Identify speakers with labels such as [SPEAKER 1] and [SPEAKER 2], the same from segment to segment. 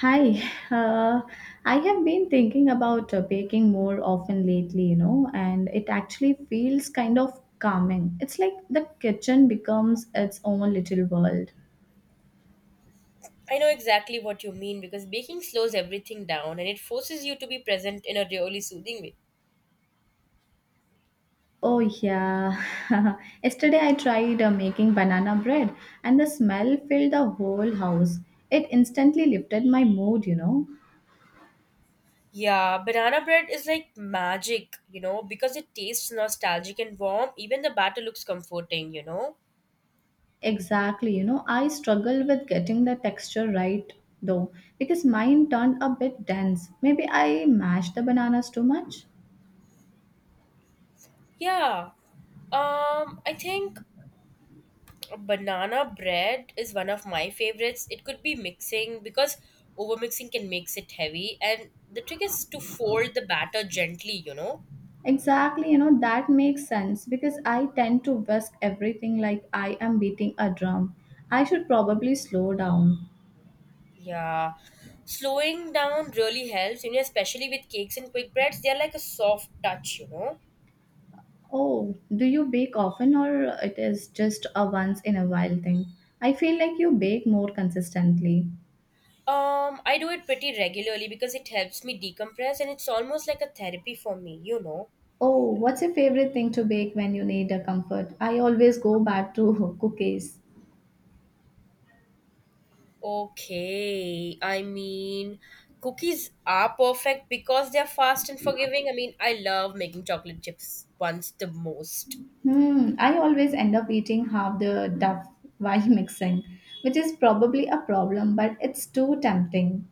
[SPEAKER 1] Hi, uh, I have been thinking about baking more often lately, you know, and it actually feels kind of calming. It's like the kitchen becomes its own little world.
[SPEAKER 2] I know exactly what you mean because baking slows everything down and it forces you to be present in a really soothing way.
[SPEAKER 1] Oh, yeah. Yesterday I tried making banana bread, and the smell filled the whole house. It instantly lifted my mood.
[SPEAKER 2] Yeah, banana bread is like magic, because it tastes nostalgic and warm. Even the batter looks comforting.
[SPEAKER 1] Exactly. You know, I struggle with getting the texture right though, because mine turned a bit dense. Maybe I mashed the bananas too much.
[SPEAKER 2] Yeah. I think banana bread is one of my favorites. It could be mixing because overmixing can makes it heavy and the trick is to fold the batter gently.
[SPEAKER 1] Exactly. You know, that makes sense because I tend to whisk everything like I am beating a drum. I should probably slow down.
[SPEAKER 2] Yeah, slowing down really helps, especially with cakes and quick breads. They're like a soft touch.
[SPEAKER 1] Oh, do you bake often or it is just a once in a while thing? I feel like you bake more consistently.
[SPEAKER 2] I do it pretty regularly because it helps me decompress and it's almost like a therapy for me.
[SPEAKER 1] Oh, what's your favorite thing to bake when you need a comfort? I always go back to cookies.
[SPEAKER 2] Okay, I mean, cookies are perfect because they're fast and forgiving. I mean, I love making chocolate chips ones the most.
[SPEAKER 1] Hmm, I always end up eating half the duff while mixing, which is probably a problem, but it's too tempting.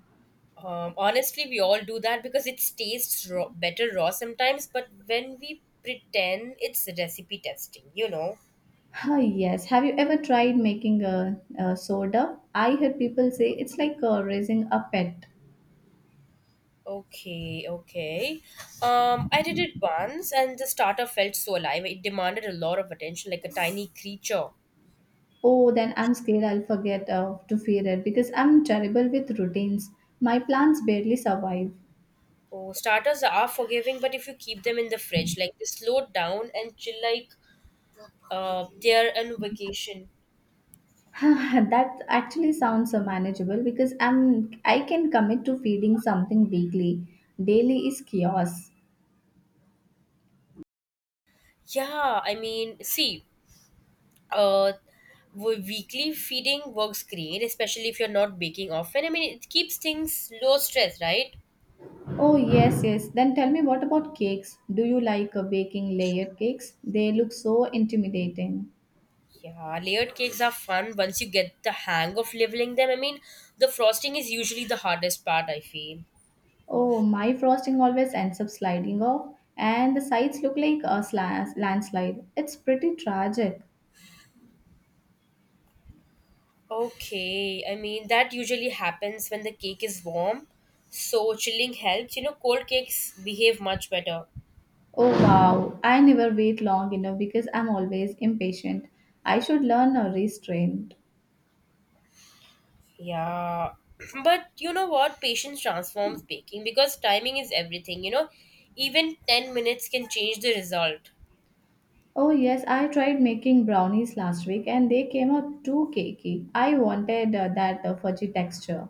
[SPEAKER 2] Honestly, we all do that because it tastes raw, better raw sometimes, but when we pretend it's recipe testing.
[SPEAKER 1] Ah, yes. Have you ever tried making a soda? I heard people say it's like raising a pet.
[SPEAKER 2] Okay, okay. I did it once and the starter felt so alive. It demanded a lot of attention, like a tiny creature.
[SPEAKER 1] Oh, then I'm scared I'll forget to feed it because I'm terrible with routines. My plants barely survive.
[SPEAKER 2] Oh, starters are forgiving, but if you keep them in the fridge, like they slow down and chill like they're on vacation.
[SPEAKER 1] That actually sounds manageable because I can commit to feeding something weekly. Daily is chaos.
[SPEAKER 2] Yeah, I mean, see, uh weekly feeding works great, especially if you're not baking often. I mean, it keeps things low stress, right?
[SPEAKER 1] Oh, yes, yes. Then tell me, what about cakes? Do you like baking layered cakes? They look so intimidating.
[SPEAKER 2] Yeah, layered cakes are fun once you get the hang of leveling them. I mean, the frosting is usually the hardest part, I feel.
[SPEAKER 1] Oh, my frosting always ends up sliding off, and the sides look like a landslide. It's pretty tragic.
[SPEAKER 2] Okay, I mean, that usually happens when the cake is warm, so chilling helps, you know. Cold cakes behave much better.
[SPEAKER 1] Oh, wow. I never wait long enough because I'm always impatient. I should learn a restraint.
[SPEAKER 2] Yeah, but you know what? Patience transforms baking because timing is everything, you know. Even 10 minutes can change the result.
[SPEAKER 1] Oh, yes, I tried making brownies last week and they came out too cakey. I wanted that fudgy texture.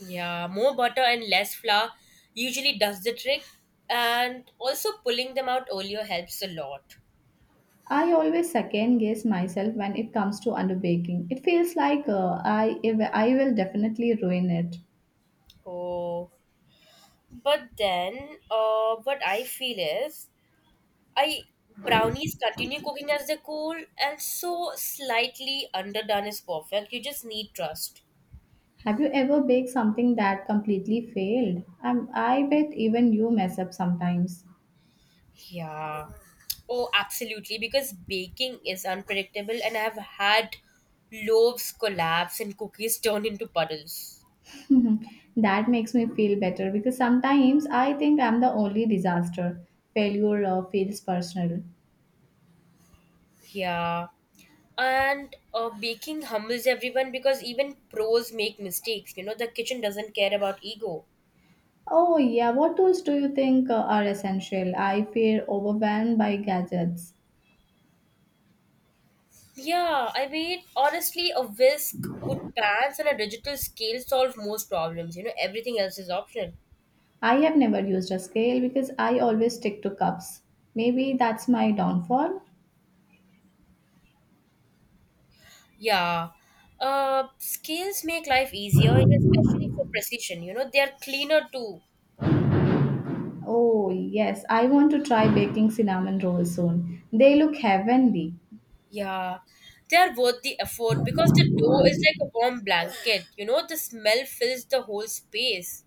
[SPEAKER 2] Yeah, more butter and less flour usually does the trick, and also pulling them out earlier helps a lot.
[SPEAKER 1] I always second guess myself when it comes to underbaking. It feels like I if- I will definitely ruin it.
[SPEAKER 2] Oh, but then, what I feel is I brownies continue cooking as they cool, and so slightly underdone is perfect. You just need trust.
[SPEAKER 1] Have you ever baked something that completely failed? I bet even you mess up sometimes.
[SPEAKER 2] Yeah. Oh, absolutely. Because baking is unpredictable, and I've had loaves collapse and cookies turn into puddles.
[SPEAKER 1] That makes me feel better because sometimes I think I'm the only disaster. Failure feels personal.
[SPEAKER 2] Yeah. And baking humbles everyone because even pros make mistakes. You know, the kitchen doesn't care about ego.
[SPEAKER 1] Oh yeah, what tools do you think are essential? I feel overwhelmed by gadgets.
[SPEAKER 2] Yeah, I mean, honestly, a whisk, good pans, and a digital scale solve most problems. You know, everything else is optional.
[SPEAKER 1] I have never used a scale because I always stick to cups. Maybe that's my downfall.
[SPEAKER 2] Yeah. Scales make life easier, and especially for precision. You know, they are cleaner too.
[SPEAKER 1] Oh, yes, I want to try baking cinnamon rolls soon. They look heavenly.
[SPEAKER 2] Yeah. They are worth the effort because the dough is like a warm blanket. You know, the smell fills the whole space.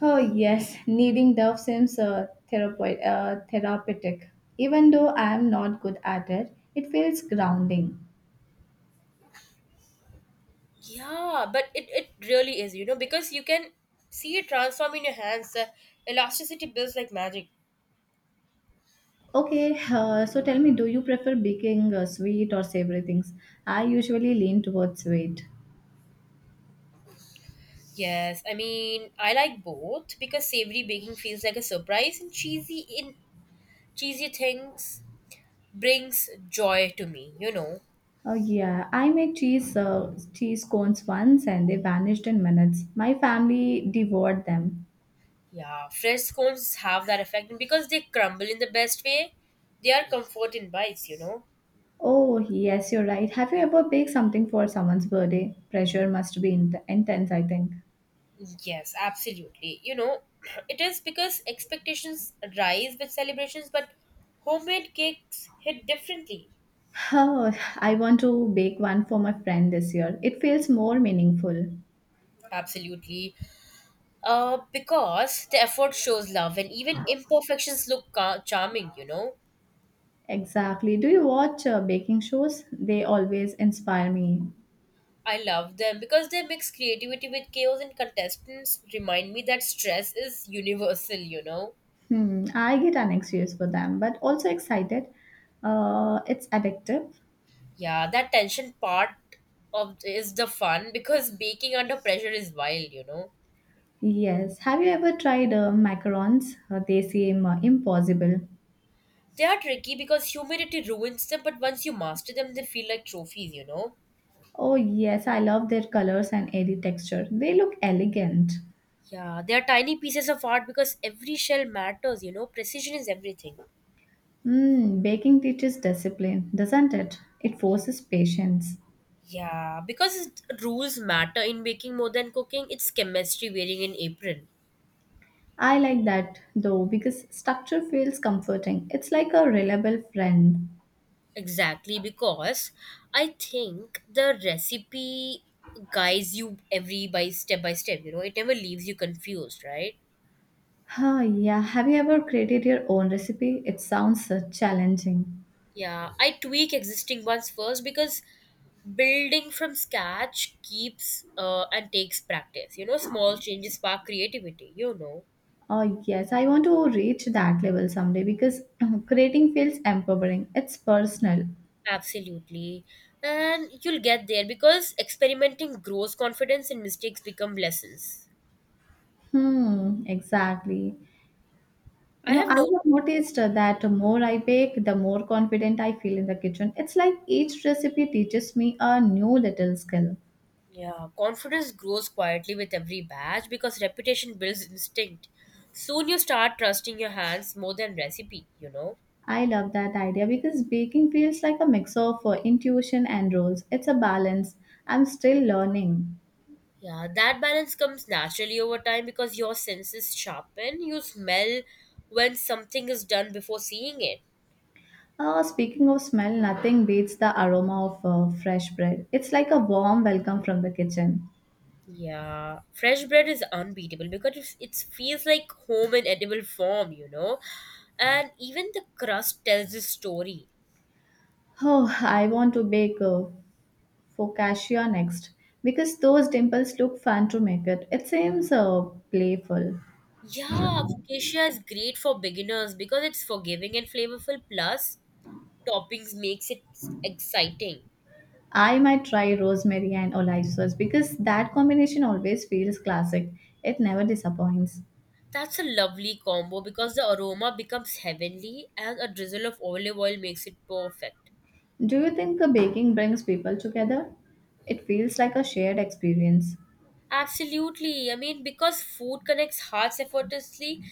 [SPEAKER 1] Oh, yes, kneading dough seems therapeutic. Even though I am not good at it, it feels grounding.
[SPEAKER 2] Yeah, but it really is, you know, because you can see it transform in your hands. The elasticity builds like magic.
[SPEAKER 1] Okay, so tell me, do you prefer baking sweet or savory things? I usually lean towards sweet.
[SPEAKER 2] Yes, I mean, I like both because savory baking feels like a surprise and cheesy things brings joy to me, you know.
[SPEAKER 1] Oh yeah, I made cheese cones once and they vanished in minutes. My family devoured them.
[SPEAKER 2] Yeah, fresh scones have that effect and because they crumble in the best way. They are comfort in bites, you know.
[SPEAKER 1] Oh yes, you're right. Have you ever baked something for someone's birthday? Pressure must be intense, I think.
[SPEAKER 2] Yes, absolutely. You know, it is because expectations rise with celebrations, but homemade cakes hit differently.
[SPEAKER 1] Oh, I want to bake one for my friend this year. It feels more meaningful.
[SPEAKER 2] Absolutely. Because the effort shows love and even imperfections look charming, you know.
[SPEAKER 1] Exactly. Do you watch baking shows? They always inspire me.
[SPEAKER 2] I love them because they mix creativity with chaos and contestants remind me that stress is universal, you know.
[SPEAKER 1] Hmm, I get anxious for them, but also excited. It's addictive.
[SPEAKER 2] Yeah, that tension part of is the fun because baking under pressure is wild, you know.
[SPEAKER 1] Yes. Have you ever tried macarons? They seem impossible.
[SPEAKER 2] They are tricky because humidity ruins them, but once you master them, they feel like trophies, you know.
[SPEAKER 1] Oh, yes, I love their colors and airy texture. They look elegant.
[SPEAKER 2] Yeah, they are tiny pieces of art because every shell matters, you know. Precision is everything.
[SPEAKER 1] Mm, baking teaches discipline, doesn't it? It forces patience.
[SPEAKER 2] Yeah, because it- rules matter in baking more than cooking. It's chemistry wearing an apron.
[SPEAKER 1] I like that though because structure feels comforting. It's like a reliable friend.
[SPEAKER 2] Exactly, because I think the recipe guides you every by step, you know. It never leaves you confused, right?
[SPEAKER 1] Huh, yeah. Have you ever created your own recipe? It sounds challenging.
[SPEAKER 2] Yeah, I tweak existing ones first because building from scratch keeps and takes practice. You know, small changes spark creativity, you know.
[SPEAKER 1] Oh, yes, I want to reach that level someday because creating feels empowering. It's personal.
[SPEAKER 2] Absolutely. And you'll get there because experimenting grows confidence and mistakes become lessons.
[SPEAKER 1] Hmm, exactly.
[SPEAKER 2] I
[SPEAKER 1] You know,
[SPEAKER 2] have
[SPEAKER 1] I
[SPEAKER 2] no.
[SPEAKER 1] have noticed that the more I bake, the more confident I feel in the kitchen. It's like each recipe teaches me a new little skill.
[SPEAKER 2] Yeah, confidence grows quietly with every batch because repetition builds instinct. Soon you start trusting your hands more than recipe, you know.
[SPEAKER 1] I love that idea because baking feels like a mix of intuition and rules. It's a balance. I'm still learning.
[SPEAKER 2] Yeah, that balance comes naturally over time because your senses sharpen. You smell when something is done before seeing it.
[SPEAKER 1] Speaking of smell, nothing beats the aroma of fresh bread. It's like a warm welcome from the kitchen.
[SPEAKER 2] Yeah, fresh bread is unbeatable because it feels like home in edible form, you know. And even the crust tells the story.
[SPEAKER 1] Oh, I want to bake focaccia next because those dimples look fun to make it. It seems playful.
[SPEAKER 2] Yeah, focaccia is great for beginners because it's forgiving and flavorful, plus, toppings makes it exciting.
[SPEAKER 1] I might try rosemary and olive sauce because that combination always feels classic. It never disappoints.
[SPEAKER 2] That's a lovely combo because the aroma becomes heavenly and a drizzle of olive oil makes it perfect.
[SPEAKER 1] Do you think baking brings people together? It feels like a shared experience.
[SPEAKER 2] Absolutely. I mean, because food connects hearts effortlessly,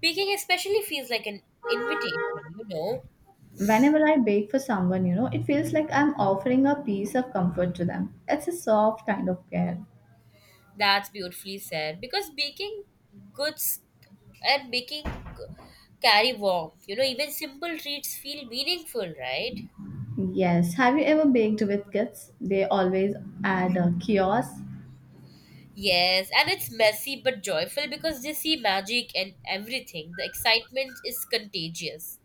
[SPEAKER 2] baking especially feels like an invitation, you know?
[SPEAKER 1] Whenever I bake for someone, you know, it feels like I'm offering a piece of comfort to them. It's a soft kind of care.
[SPEAKER 2] That's beautifully said. Because baking goods and baking carry warmth, you know? Even simple treats feel meaningful, right?
[SPEAKER 1] Yes. Have you ever baked with kids? They always add a kiosk.
[SPEAKER 2] Yes, and it's messy but joyful because they see magic and everything. The excitement is contagious.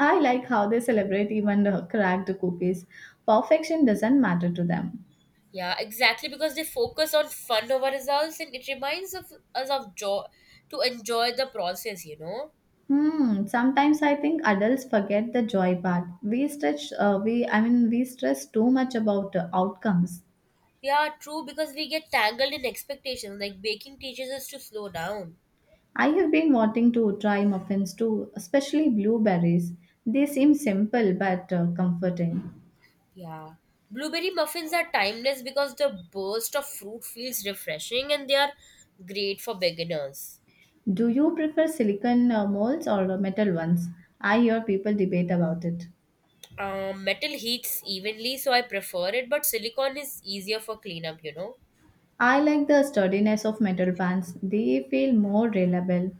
[SPEAKER 1] I like how they celebrate even the cracked cookies. Perfection doesn't matter to them.
[SPEAKER 2] Yeah, exactly, because they focus on fun over results and it reminds of us of joy to enjoy the process, you know?
[SPEAKER 1] Hmm. Sometimes I think adults forget the joy part. We stretch. We I mean we stress too much about the outcomes.
[SPEAKER 2] Yeah, true, because we get tangled in expectations like baking teaches us to slow down.
[SPEAKER 1] I have been wanting to try muffins too, especially blueberries. They seem simple but comforting.
[SPEAKER 2] Yeah. Blueberry muffins are timeless because the burst of fruit feels refreshing and they are great for beginners.
[SPEAKER 1] Do you prefer silicon molds or metal ones? I hear people debate about it.
[SPEAKER 2] Metal heats evenly, so I prefer it, but silicone is easier for cleanup, you know?
[SPEAKER 1] I like the sturdiness of metal pans. They feel more reliable.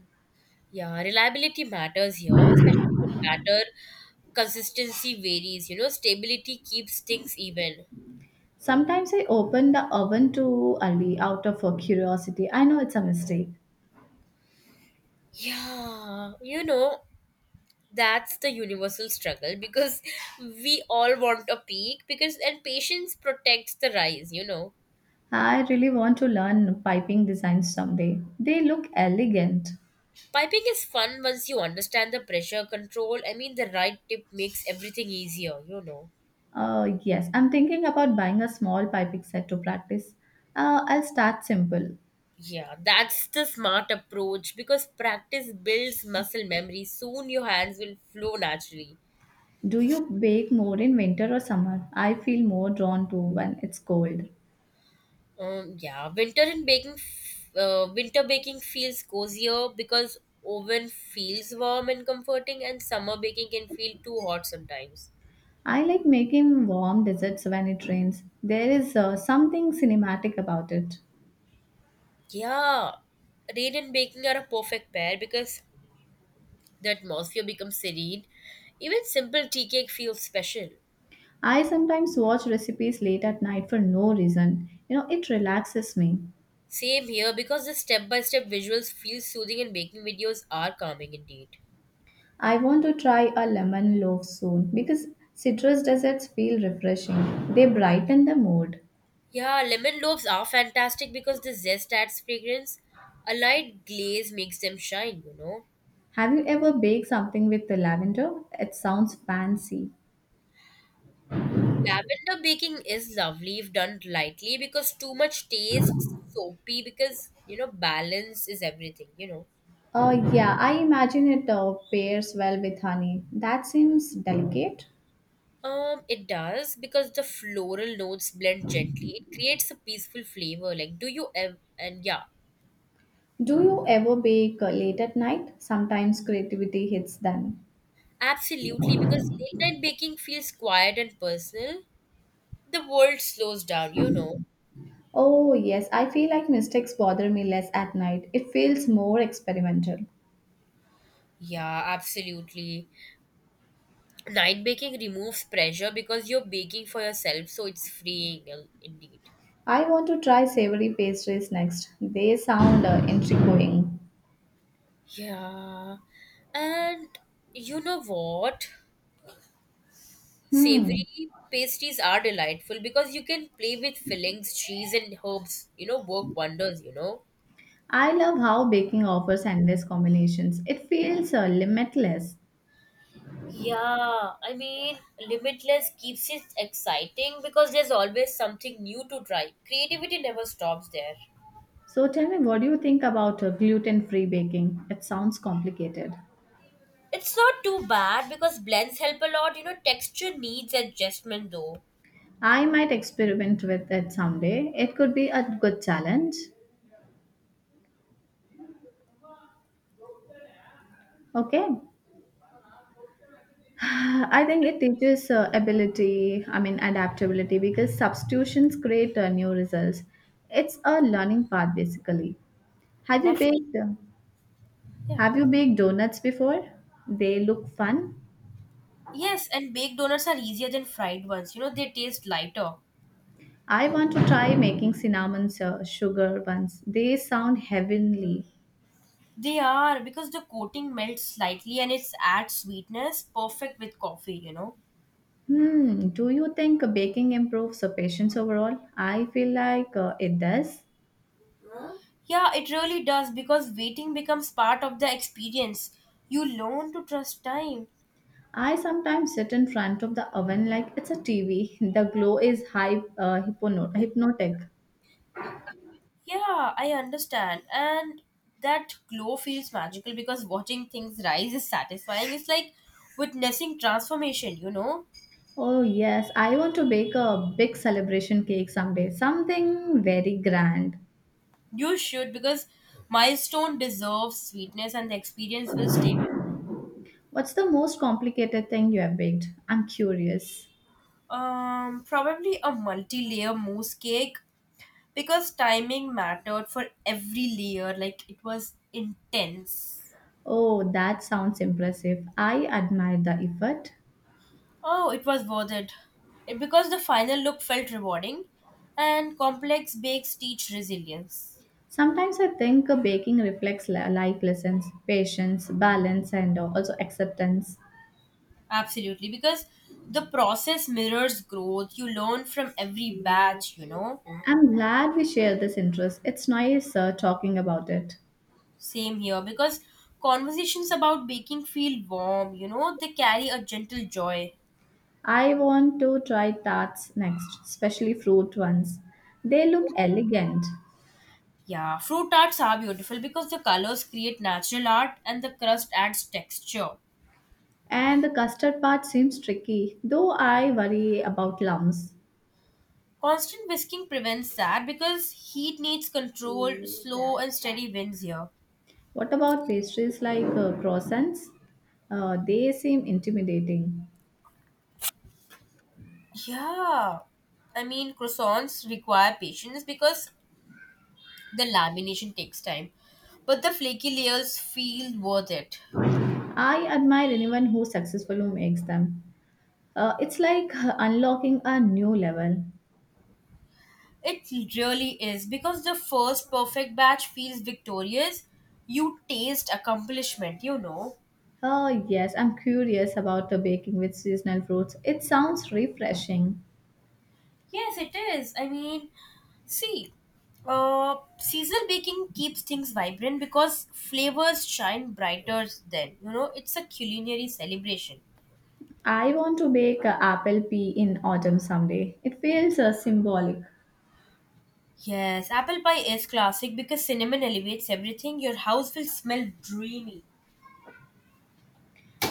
[SPEAKER 2] Yeah, reliability matters here, especially with batter. Consistency varies, you know, stability keeps things even.
[SPEAKER 1] Sometimes I open the oven too early out of curiosity. I know it's a mistake.
[SPEAKER 2] Yeah, you know, that's the universal struggle because we all want a peak because and patience protects the rise, you know.
[SPEAKER 1] I really want to learn piping designs someday. They look elegant.
[SPEAKER 2] Piping is fun once you understand the pressure control. I mean, the right tip makes everything easier, you know.
[SPEAKER 1] Yes, I'm thinking about buying a small piping set to practice. I'll start simple.
[SPEAKER 2] Yeah, that's the smart approach because practice builds muscle memory. Soon your hands will flow naturally.
[SPEAKER 1] Do you bake more in winter or summer? I feel more drawn to when it's cold.
[SPEAKER 2] Yeah, winter baking feels cozier because oven feels warm and comforting, and summer baking can feel too hot sometimes.
[SPEAKER 1] I like making warm desserts when it rains. There is something cinematic about it.
[SPEAKER 2] Yeah, rain and baking are a perfect pair because the atmosphere becomes serene. Even simple tea cake feels special.
[SPEAKER 1] I sometimes watch recipes late at night for no reason. You know, it relaxes me.
[SPEAKER 2] Same here because the step by step visuals feel soothing and baking videos are calming indeed.
[SPEAKER 1] I want to try a lemon loaf soon because citrus desserts feel refreshing. They brighten the mood.
[SPEAKER 2] Yeah, lemon loaves are fantastic because the zest adds fragrance. A light glaze makes them shine, you know.
[SPEAKER 1] Have you ever baked something with the lavender? It sounds fancy.
[SPEAKER 2] Lavender baking is lovely if done lightly because too much tastes soapy because you know balance is everything, you know.
[SPEAKER 1] Oh, yeah, I imagine it pairs well with honey. That seems delicate.
[SPEAKER 2] It does because the floral notes blend gently. It creates a peaceful flavor. Like, do you ever and yeah,
[SPEAKER 1] Do you ever bake late at night? Sometimes creativity hits then.
[SPEAKER 2] absolutely, because late night baking feels quiet and personal. The world slows down, you know.
[SPEAKER 1] Oh, yes, I feel like mistakes bother me less at night. It feels more experimental.
[SPEAKER 2] Yeah, absolutely. Night baking removes pressure because you're baking for yourself, so it's freeing, indeed.
[SPEAKER 1] I want to try savory pastries next. They sound intriguing.
[SPEAKER 2] Yeah. And you know what?
[SPEAKER 1] Hmm.
[SPEAKER 2] Savory pastries are delightful because you can play with fillings, cheese, and herbs. You know, work wonders, you know.
[SPEAKER 1] I love how baking offers endless combinations. It feels limitless.
[SPEAKER 2] Yeah, I mean, limitless keeps it exciting because there's always something new to try. Creativity never stops there.
[SPEAKER 1] So tell me, what do you think about gluten-free baking? It sounds complicated.
[SPEAKER 2] It's not too bad because blends help a lot. You know, texture needs adjustment though.
[SPEAKER 1] I might experiment with it someday. It could be a good challenge. Okay. I think it teaches adaptability, because substitutions create new results. It's a learning path, basically. Have you
[SPEAKER 2] Definitely.
[SPEAKER 1] baked? uh,
[SPEAKER 2] Yeah.
[SPEAKER 1] Have you baked donuts before? They look fun.
[SPEAKER 2] Yes, and baked donuts are easier than fried ones. You know, they taste lighter.
[SPEAKER 1] I want to try making sugar ones. They sound heavenly.
[SPEAKER 2] They are because the coating melts slightly and it adds sweetness, perfect with coffee, you know.
[SPEAKER 1] Hmm. Do you think baking improves the patience overall? I feel like it does.
[SPEAKER 2] Yeah, it really does because waiting becomes part of the experience. You learn to trust time.
[SPEAKER 1] I sometimes sit in front of the oven like it's a TV. The glow is hypnotic.
[SPEAKER 2] Yeah, I understand. And that glow feels magical because watching things rise is satisfying. It's like witnessing transformation, you know.
[SPEAKER 1] Oh, yes, I want to bake a big celebration cake someday, something very grand.
[SPEAKER 2] You should because milestone deserves sweetness and the experience will stay.
[SPEAKER 1] What's the most complicated thing you have baked? I'm curious.
[SPEAKER 2] Probably a multi-layer mousse cake because timing mattered for every layer, like it was intense.
[SPEAKER 1] Oh, that sounds impressive. I admire the effort.
[SPEAKER 2] Oh, it was worth it because the final look felt rewarding and complex bakes teach resilience.
[SPEAKER 1] Sometimes I think baking reflects life lessons, patience, balance, and also acceptance.
[SPEAKER 2] Absolutely, because the process mirrors growth. You learn from every batch, you know.
[SPEAKER 1] I'm glad we share this interest. It's nice talking about it.
[SPEAKER 2] Same here because conversations about baking feel warm, you know, they carry a gentle joy.
[SPEAKER 1] I want to try tarts next, especially fruit ones. They look elegant.
[SPEAKER 2] Yeah, fruit tarts are beautiful because the colors create natural art and the crust adds texture.
[SPEAKER 1] And the custard part seems tricky, though I worry about lumps.
[SPEAKER 2] Constant whisking prevents that because heat needs controlled, slow, and steady winds here.
[SPEAKER 1] What about pastries like croissants? They seem intimidating.
[SPEAKER 2] Yeah. I mean, croissants require patience because the lamination takes time, but the flaky layers feel worth it.
[SPEAKER 1] I admire anyone who successfully makes them. It's like unlocking a new level.
[SPEAKER 2] It really is because the first perfect batch feels victorious. You taste accomplishment, you know.
[SPEAKER 1] Oh, yes, I'm curious about the baking with seasonal fruits. It sounds refreshing.
[SPEAKER 2] Yes, it is. I mean, see, seasonal baking keeps things vibrant because flavors shine brighter then. You know, it's a culinary celebration.
[SPEAKER 1] I want to bake a apple pie in autumn someday. It feels symbolic.
[SPEAKER 2] Yes, apple pie is classic because cinnamon elevates everything. Your house will smell dreamy.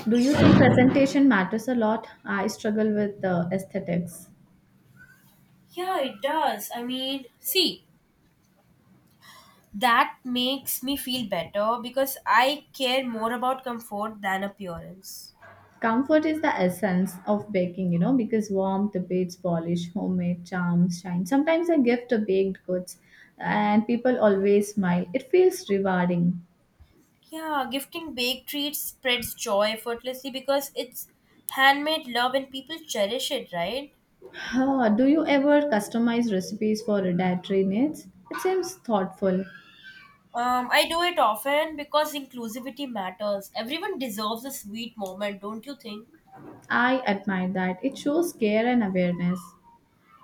[SPEAKER 1] Do you think presentation matters a lot? I struggle with the aesthetics.
[SPEAKER 2] Yeah, it does. I mean, see, that makes me feel better because I care more about comfort than appearance.
[SPEAKER 1] Comfort is the essence of baking, you know, because warmth beats polish, homemade charms shine. Sometimes I gift a baked goods and people always smile. It feels rewarding.
[SPEAKER 2] Yeah, gifting baked treats spreads joy effortlessly because it's handmade love and people cherish it, right?
[SPEAKER 1] Huh, do you ever customize recipes for dietary needs? It seems thoughtful.
[SPEAKER 2] I do it often because inclusivity matters. Everyone deserves a sweet moment, don't you think?
[SPEAKER 1] I admire that. It shows care and awareness.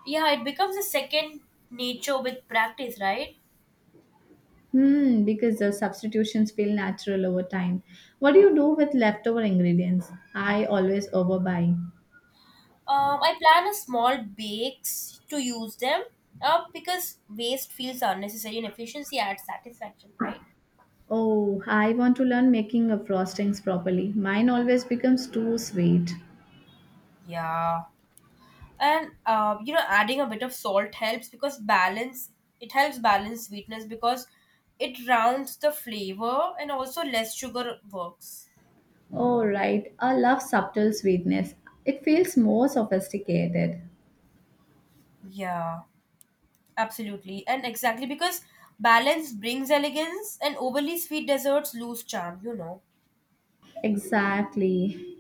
[SPEAKER 2] Yeah, it becomes a second nature with practice, right?
[SPEAKER 1] Hmm, because the substitutions feel natural over time. What do you do with leftover ingredients? I always overbuy.
[SPEAKER 2] I plan a small bakes to use them because waste feels unnecessary and efficiency adds satisfaction, right?
[SPEAKER 1] Oh, I want to learn making of frostings properly. Mine always becomes too sweet.
[SPEAKER 2] Yeah. And adding a bit of salt helps because balance it helps balance sweetness because it rounds the flavor, and also less sugar works.
[SPEAKER 1] Oh, right. I love subtle sweetness. It feels more sophisticated.
[SPEAKER 2] Yeah. Absolutely, and exactly because balance brings elegance, and overly sweet desserts lose charm, you know.
[SPEAKER 1] Exactly.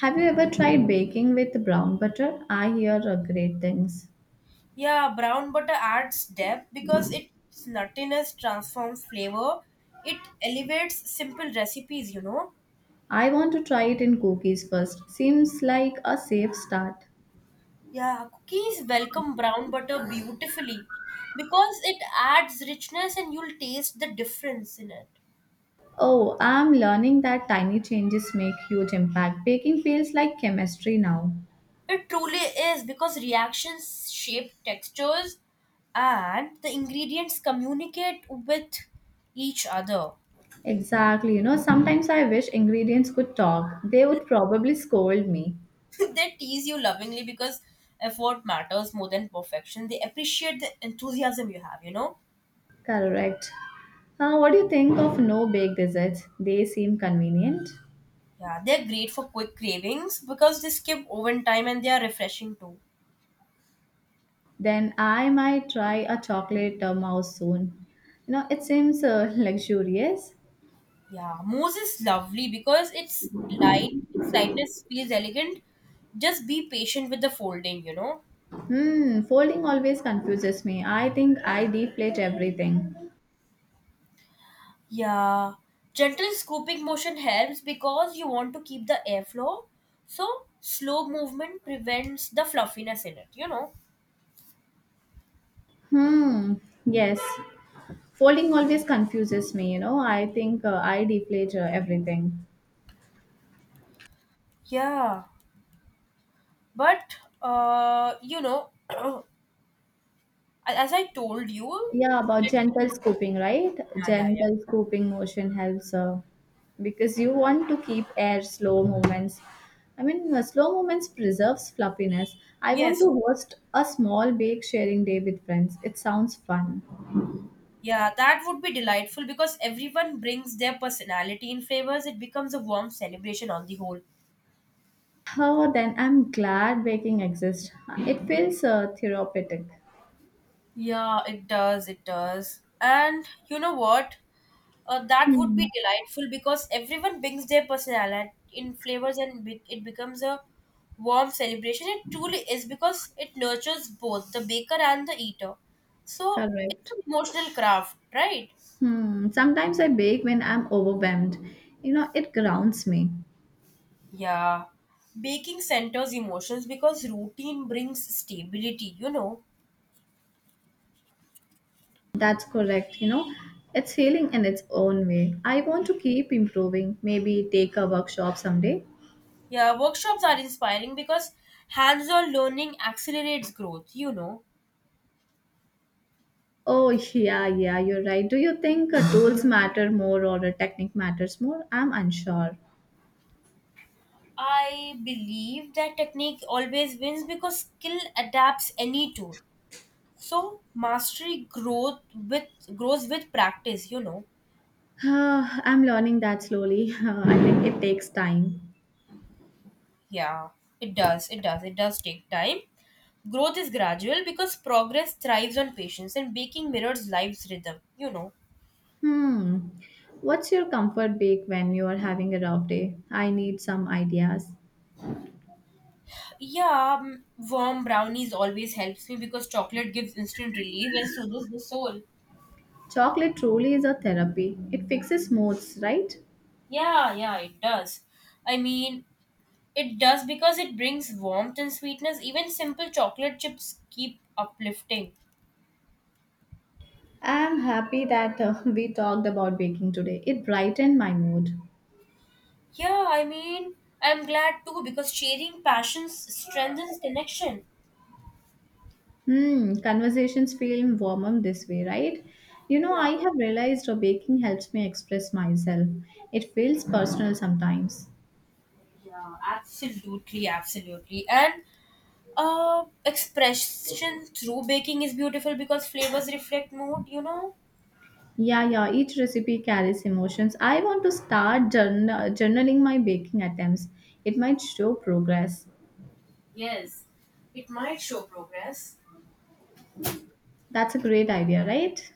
[SPEAKER 1] Have you ever tried baking with brown butter? I hear great things.
[SPEAKER 2] Yeah, brown butter adds depth because its nuttiness transforms flavor. It elevates simple recipes, you know.
[SPEAKER 1] I want to try it in cookies first. Seems like a safe start.
[SPEAKER 2] Yeah, cookies welcome brown butter beautifully because it adds richness, and you'll taste the difference in it.
[SPEAKER 1] Oh, I'm learning that tiny changes make huge impact. Baking feels like chemistry now.
[SPEAKER 2] It truly is because reactions shape textures and the ingredients communicate with each other.
[SPEAKER 1] Exactly. You know, sometimes I wish ingredients could talk. They would probably scold me.
[SPEAKER 2] They tease you lovingly because effort matters more than perfection. They appreciate the enthusiasm you have, you know?
[SPEAKER 1] Correct. What do you think of no bake desserts? They seem convenient.
[SPEAKER 2] Yeah, they're great for quick cravings because they skip oven time and they are refreshing too.
[SPEAKER 1] Then I might try a chocolate mouse soon. You know, it seems luxurious.
[SPEAKER 2] Yeah, mousse is lovely because it's light, its lightness feels elegant. Just be patient with the folding, you know?
[SPEAKER 1] Hmm, folding always confuses me. I think I deflate everything.
[SPEAKER 2] Yeah, gentle scooping motion helps because you want to keep the airflow. So, slow movement prevents the fluffiness in it, you know.
[SPEAKER 1] Hmm, yes. Folding always confuses me, you know. I think I deflate everything.
[SPEAKER 2] Yeah, but uh, you know, as I told you,
[SPEAKER 1] Yeah, about
[SPEAKER 2] gentle
[SPEAKER 1] gentle
[SPEAKER 2] motion.
[SPEAKER 1] scooping, right?
[SPEAKER 2] Yeah, yeah, yeah.
[SPEAKER 1] Gentle scooping motion helps because you want to keep air slow movements. Slow movements preserves fluffiness. I want
[SPEAKER 2] Yes,
[SPEAKER 1] to host a small bake sharing day with friends. It sounds fun.
[SPEAKER 2] yeah, that would be delightful because everyone brings their personality in flavors. It becomes a warm celebration on the whole.
[SPEAKER 1] Oh, then I'm glad baking exists. It feels therapeutic.
[SPEAKER 2] Yeah, it does, it does. And you know what? That would
[SPEAKER 1] Hmm,
[SPEAKER 2] be delightful because everyone brings their personality in flavors and it becomes a warm celebration. It truly is because it nurtures both the baker and the eater. So it's
[SPEAKER 1] correct.
[SPEAKER 2] an emotional craft, right?
[SPEAKER 1] Hmm, sometimes I bake when I'm overwhelmed. You know, it grounds me.
[SPEAKER 2] Yeah. Baking centers emotions because routine brings stability, you know.
[SPEAKER 1] That's correct. You know, it's healing in its own way. I want to keep improving. Maybe take a workshop someday.
[SPEAKER 2] Yeah, workshops are inspiring because hands on learning accelerates growth, you know.
[SPEAKER 1] Oh, yeah, yeah, you're right. Do you think tools matter more or a technique matters more? I'm unsure.
[SPEAKER 2] I believe that technique always wins because skill adapts any tool. So mastery growth with grows with practice, you know.
[SPEAKER 1] Ah, I'm learning that slowly. I think it takes time.
[SPEAKER 2] Yeah, it does. It does. It does take time. Growth is gradual because progress thrives on patience, and baking mirrors life's rhythm, you know.
[SPEAKER 1] Hmm. What's your comfort bake when you are having a rough day? I need some ideas.
[SPEAKER 2] Yeah, warm brownies always helps me because chocolate gives instant relief and soothes the soul.
[SPEAKER 1] Chocolate truly is a therapy. It fixes moods, right?
[SPEAKER 2] Yeah, yeah, it does. I mean, it does because it brings warmth and sweetness. Even simple chocolate chips keep uplifting.
[SPEAKER 1] I'm happy that we talked about baking today. It brightened my mood.
[SPEAKER 2] Yeah, I mean, I'm glad too because sharing passions strengthens connection.
[SPEAKER 1] Hmm, conversations feel warmer this way, right? You know,
[SPEAKER 2] Yeah,
[SPEAKER 1] I have realized baking helps me express myself. It feels personal sometimes.
[SPEAKER 2] yeah, absolutely, absolutely. And expression through baking is beautiful because flavors reflect mood, you know?
[SPEAKER 1] Yeah, yeah, each recipe carries emotions. I want to start journaling my baking attempts. It might show progress.
[SPEAKER 2] Yes, it might show progress.
[SPEAKER 1] That's a great idea, right?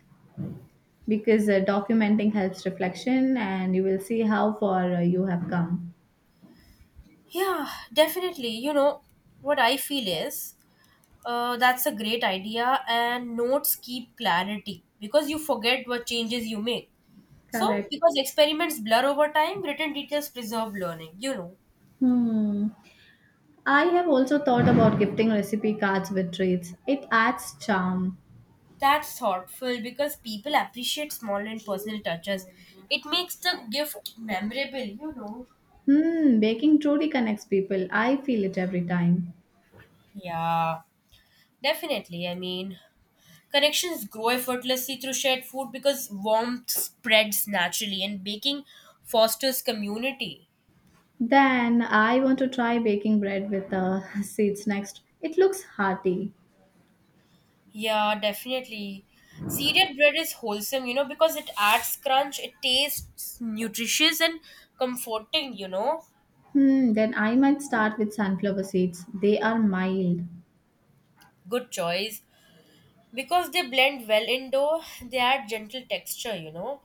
[SPEAKER 1] Because documenting helps reflection and you will see how far you have come.
[SPEAKER 2] Yeah, definitely. You know, what I feel is That's a great idea, and notes keep clarity because you forget what changes you make. So,
[SPEAKER 1] Correct.
[SPEAKER 2] because experiments blur over time, written details preserve learning, you know.
[SPEAKER 1] Hmm, I have also thought about gifting recipe cards with treats. It adds charm.
[SPEAKER 2] That's thoughtful because people appreciate small and personal touches. It makes the gift memorable, you know.
[SPEAKER 1] Hmm, baking truly connects people. I feel it every time.
[SPEAKER 2] Yeah, definitely. I mean, connections grow effortlessly through shared food because warmth spreads naturally, and baking fosters community.
[SPEAKER 1] Then I want to try baking bread with seeds next. It looks hearty.
[SPEAKER 2] Yeah, definitely. Seeded bread is wholesome, you know, because it adds crunch, it tastes nutritious and comforting, you know.
[SPEAKER 1] Hmm, then I might start with sunflower seeds. They are mild.
[SPEAKER 2] Good choice. Because they blend well in dough, they add gentle texture, you know.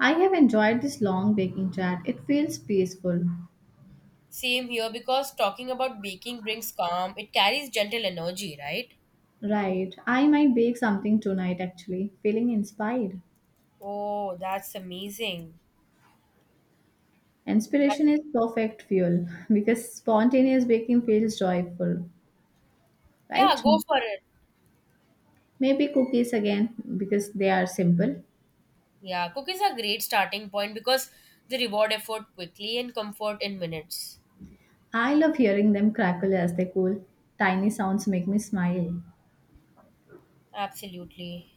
[SPEAKER 1] I have enjoyed this long baking chat. It feels peaceful.
[SPEAKER 2] Same here, because talking about baking brings calm, it carries gentle energy, right?
[SPEAKER 1] Right. I might bake something tonight actually, feeling inspired.
[SPEAKER 2] Oh, that's amazing. That's,
[SPEAKER 1] Inspiration is perfect fuel because spontaneous baking feels joyful,
[SPEAKER 2] yeah,
[SPEAKER 1] right?
[SPEAKER 2] go for it.
[SPEAKER 1] Maybe cookies again because they are simple.
[SPEAKER 2] Yeah, cookies are great starting point because they reward effort quickly and comfort in minutes.
[SPEAKER 1] I love hearing them crackle as they cool. Tiny sounds make me smile.
[SPEAKER 2] Absolutely.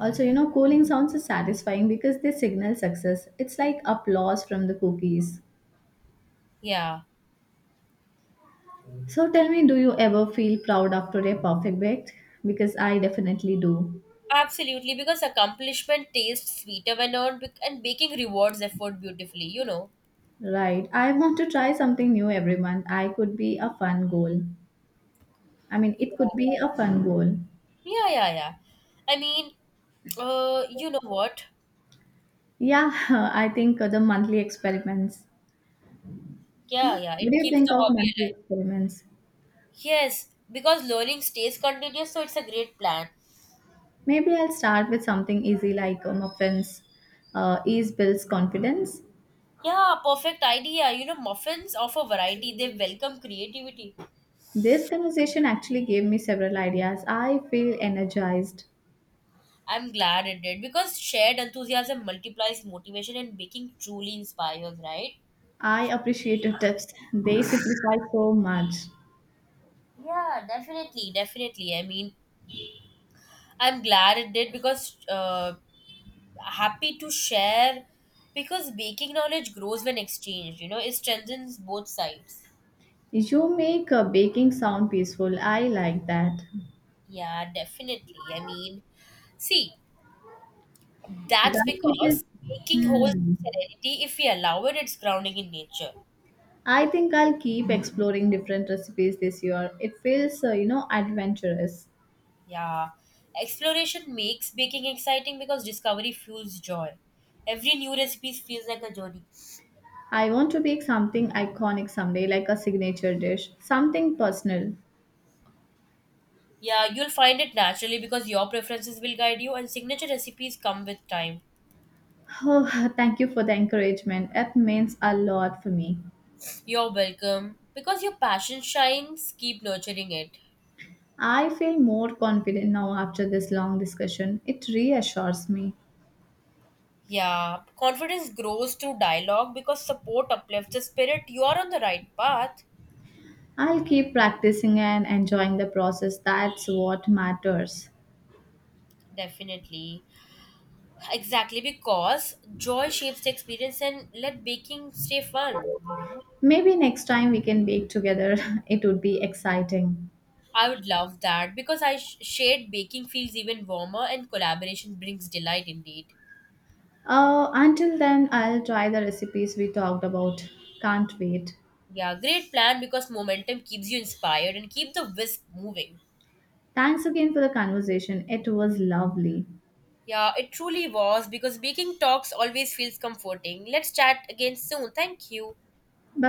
[SPEAKER 1] Also, you know, cooling sounds is satisfying because they signal success. It's like applause from the cookies.
[SPEAKER 2] Yeah,
[SPEAKER 1] So tell me, do you ever feel proud after a perfect bake? Because I definitely do.
[SPEAKER 2] absolutely. Because accomplishment tastes sweeter when earned, and baking rewards effort beautifully, you know.
[SPEAKER 1] Right. I want to try something new every month. I could be a fun goal. I mean,
[SPEAKER 2] Yeah.
[SPEAKER 1] it could be a fun goal.
[SPEAKER 2] Yeah, yeah, yeah. I mean, you know what?
[SPEAKER 1] Yeah, I think the monthly experiments. Hmm?
[SPEAKER 2] Yeah, yeah,
[SPEAKER 1] What
[SPEAKER 2] it
[SPEAKER 1] do you
[SPEAKER 2] keeps
[SPEAKER 1] think
[SPEAKER 2] the
[SPEAKER 1] of
[SPEAKER 2] hobby
[SPEAKER 1] monthly
[SPEAKER 2] alive.
[SPEAKER 1] experiments?
[SPEAKER 2] Yes, because learning stays continuous, so it's a great plan.
[SPEAKER 1] Maybe I'll start with something easy like muffins. Ease builds confidence.
[SPEAKER 2] Yeah, perfect idea. You know, muffins offer variety, they welcome creativity.
[SPEAKER 1] This conversation actually gave me several ideas. I feel energized.
[SPEAKER 2] I'm glad it did because shared enthusiasm multiplies motivation and baking truly inspires, right?
[SPEAKER 1] I appreciate your tips. They simplify so much.
[SPEAKER 2] Yeah, definitely, definitely. I mean, I'm glad it did because happy to share because baking knowledge grows when exchanged, you know, it strengthens both sides.
[SPEAKER 1] You make baking sound peaceful. I like that.
[SPEAKER 2] Yeah, definitely. I mean, see, that's
[SPEAKER 1] That it is.
[SPEAKER 2] because baking holds
[SPEAKER 1] Hmm.
[SPEAKER 2] serenity. If we allow it, it's grounding in nature.
[SPEAKER 1] I think I'll keep exploring different recipes this year. It feels, you know, adventurous.
[SPEAKER 2] Yeah. Exploration makes baking exciting because discovery fuels joy. Every new recipe feels like a journey.
[SPEAKER 1] I want to make something iconic someday, like a signature dish, something personal.
[SPEAKER 2] Yeah, you'll find it naturally because your preferences will guide you, and signature recipes come with time.
[SPEAKER 1] Oh, thank you for the encouragement. It means a lot for me.
[SPEAKER 2] You're welcome. Because your passion shines, keep nurturing it.
[SPEAKER 1] I feel more confident now after this long discussion. It reassures me.
[SPEAKER 2] Yeah, confidence grows through dialogue because support uplifts the spirit. You are on the right path.
[SPEAKER 1] I'll keep practicing and enjoying the process. That's what matters.
[SPEAKER 2] Definitely. Exactly because joy shapes the experience, and let baking stay fun.
[SPEAKER 1] Maybe next time we can bake together. It would be exciting.
[SPEAKER 2] I would love that because shared baking feels even warmer and collaboration brings delight indeed.
[SPEAKER 1] Until then, I'll try the recipes we talked about. Can't wait.
[SPEAKER 2] Yeah, great plan because momentum keeps you inspired and keep the whisk moving.
[SPEAKER 1] Thanks again for the conversation. It was lovely.
[SPEAKER 2] Yeah, it truly was because baking talks always feels comforting. Let's chat again soon. Thank you.
[SPEAKER 1] Bye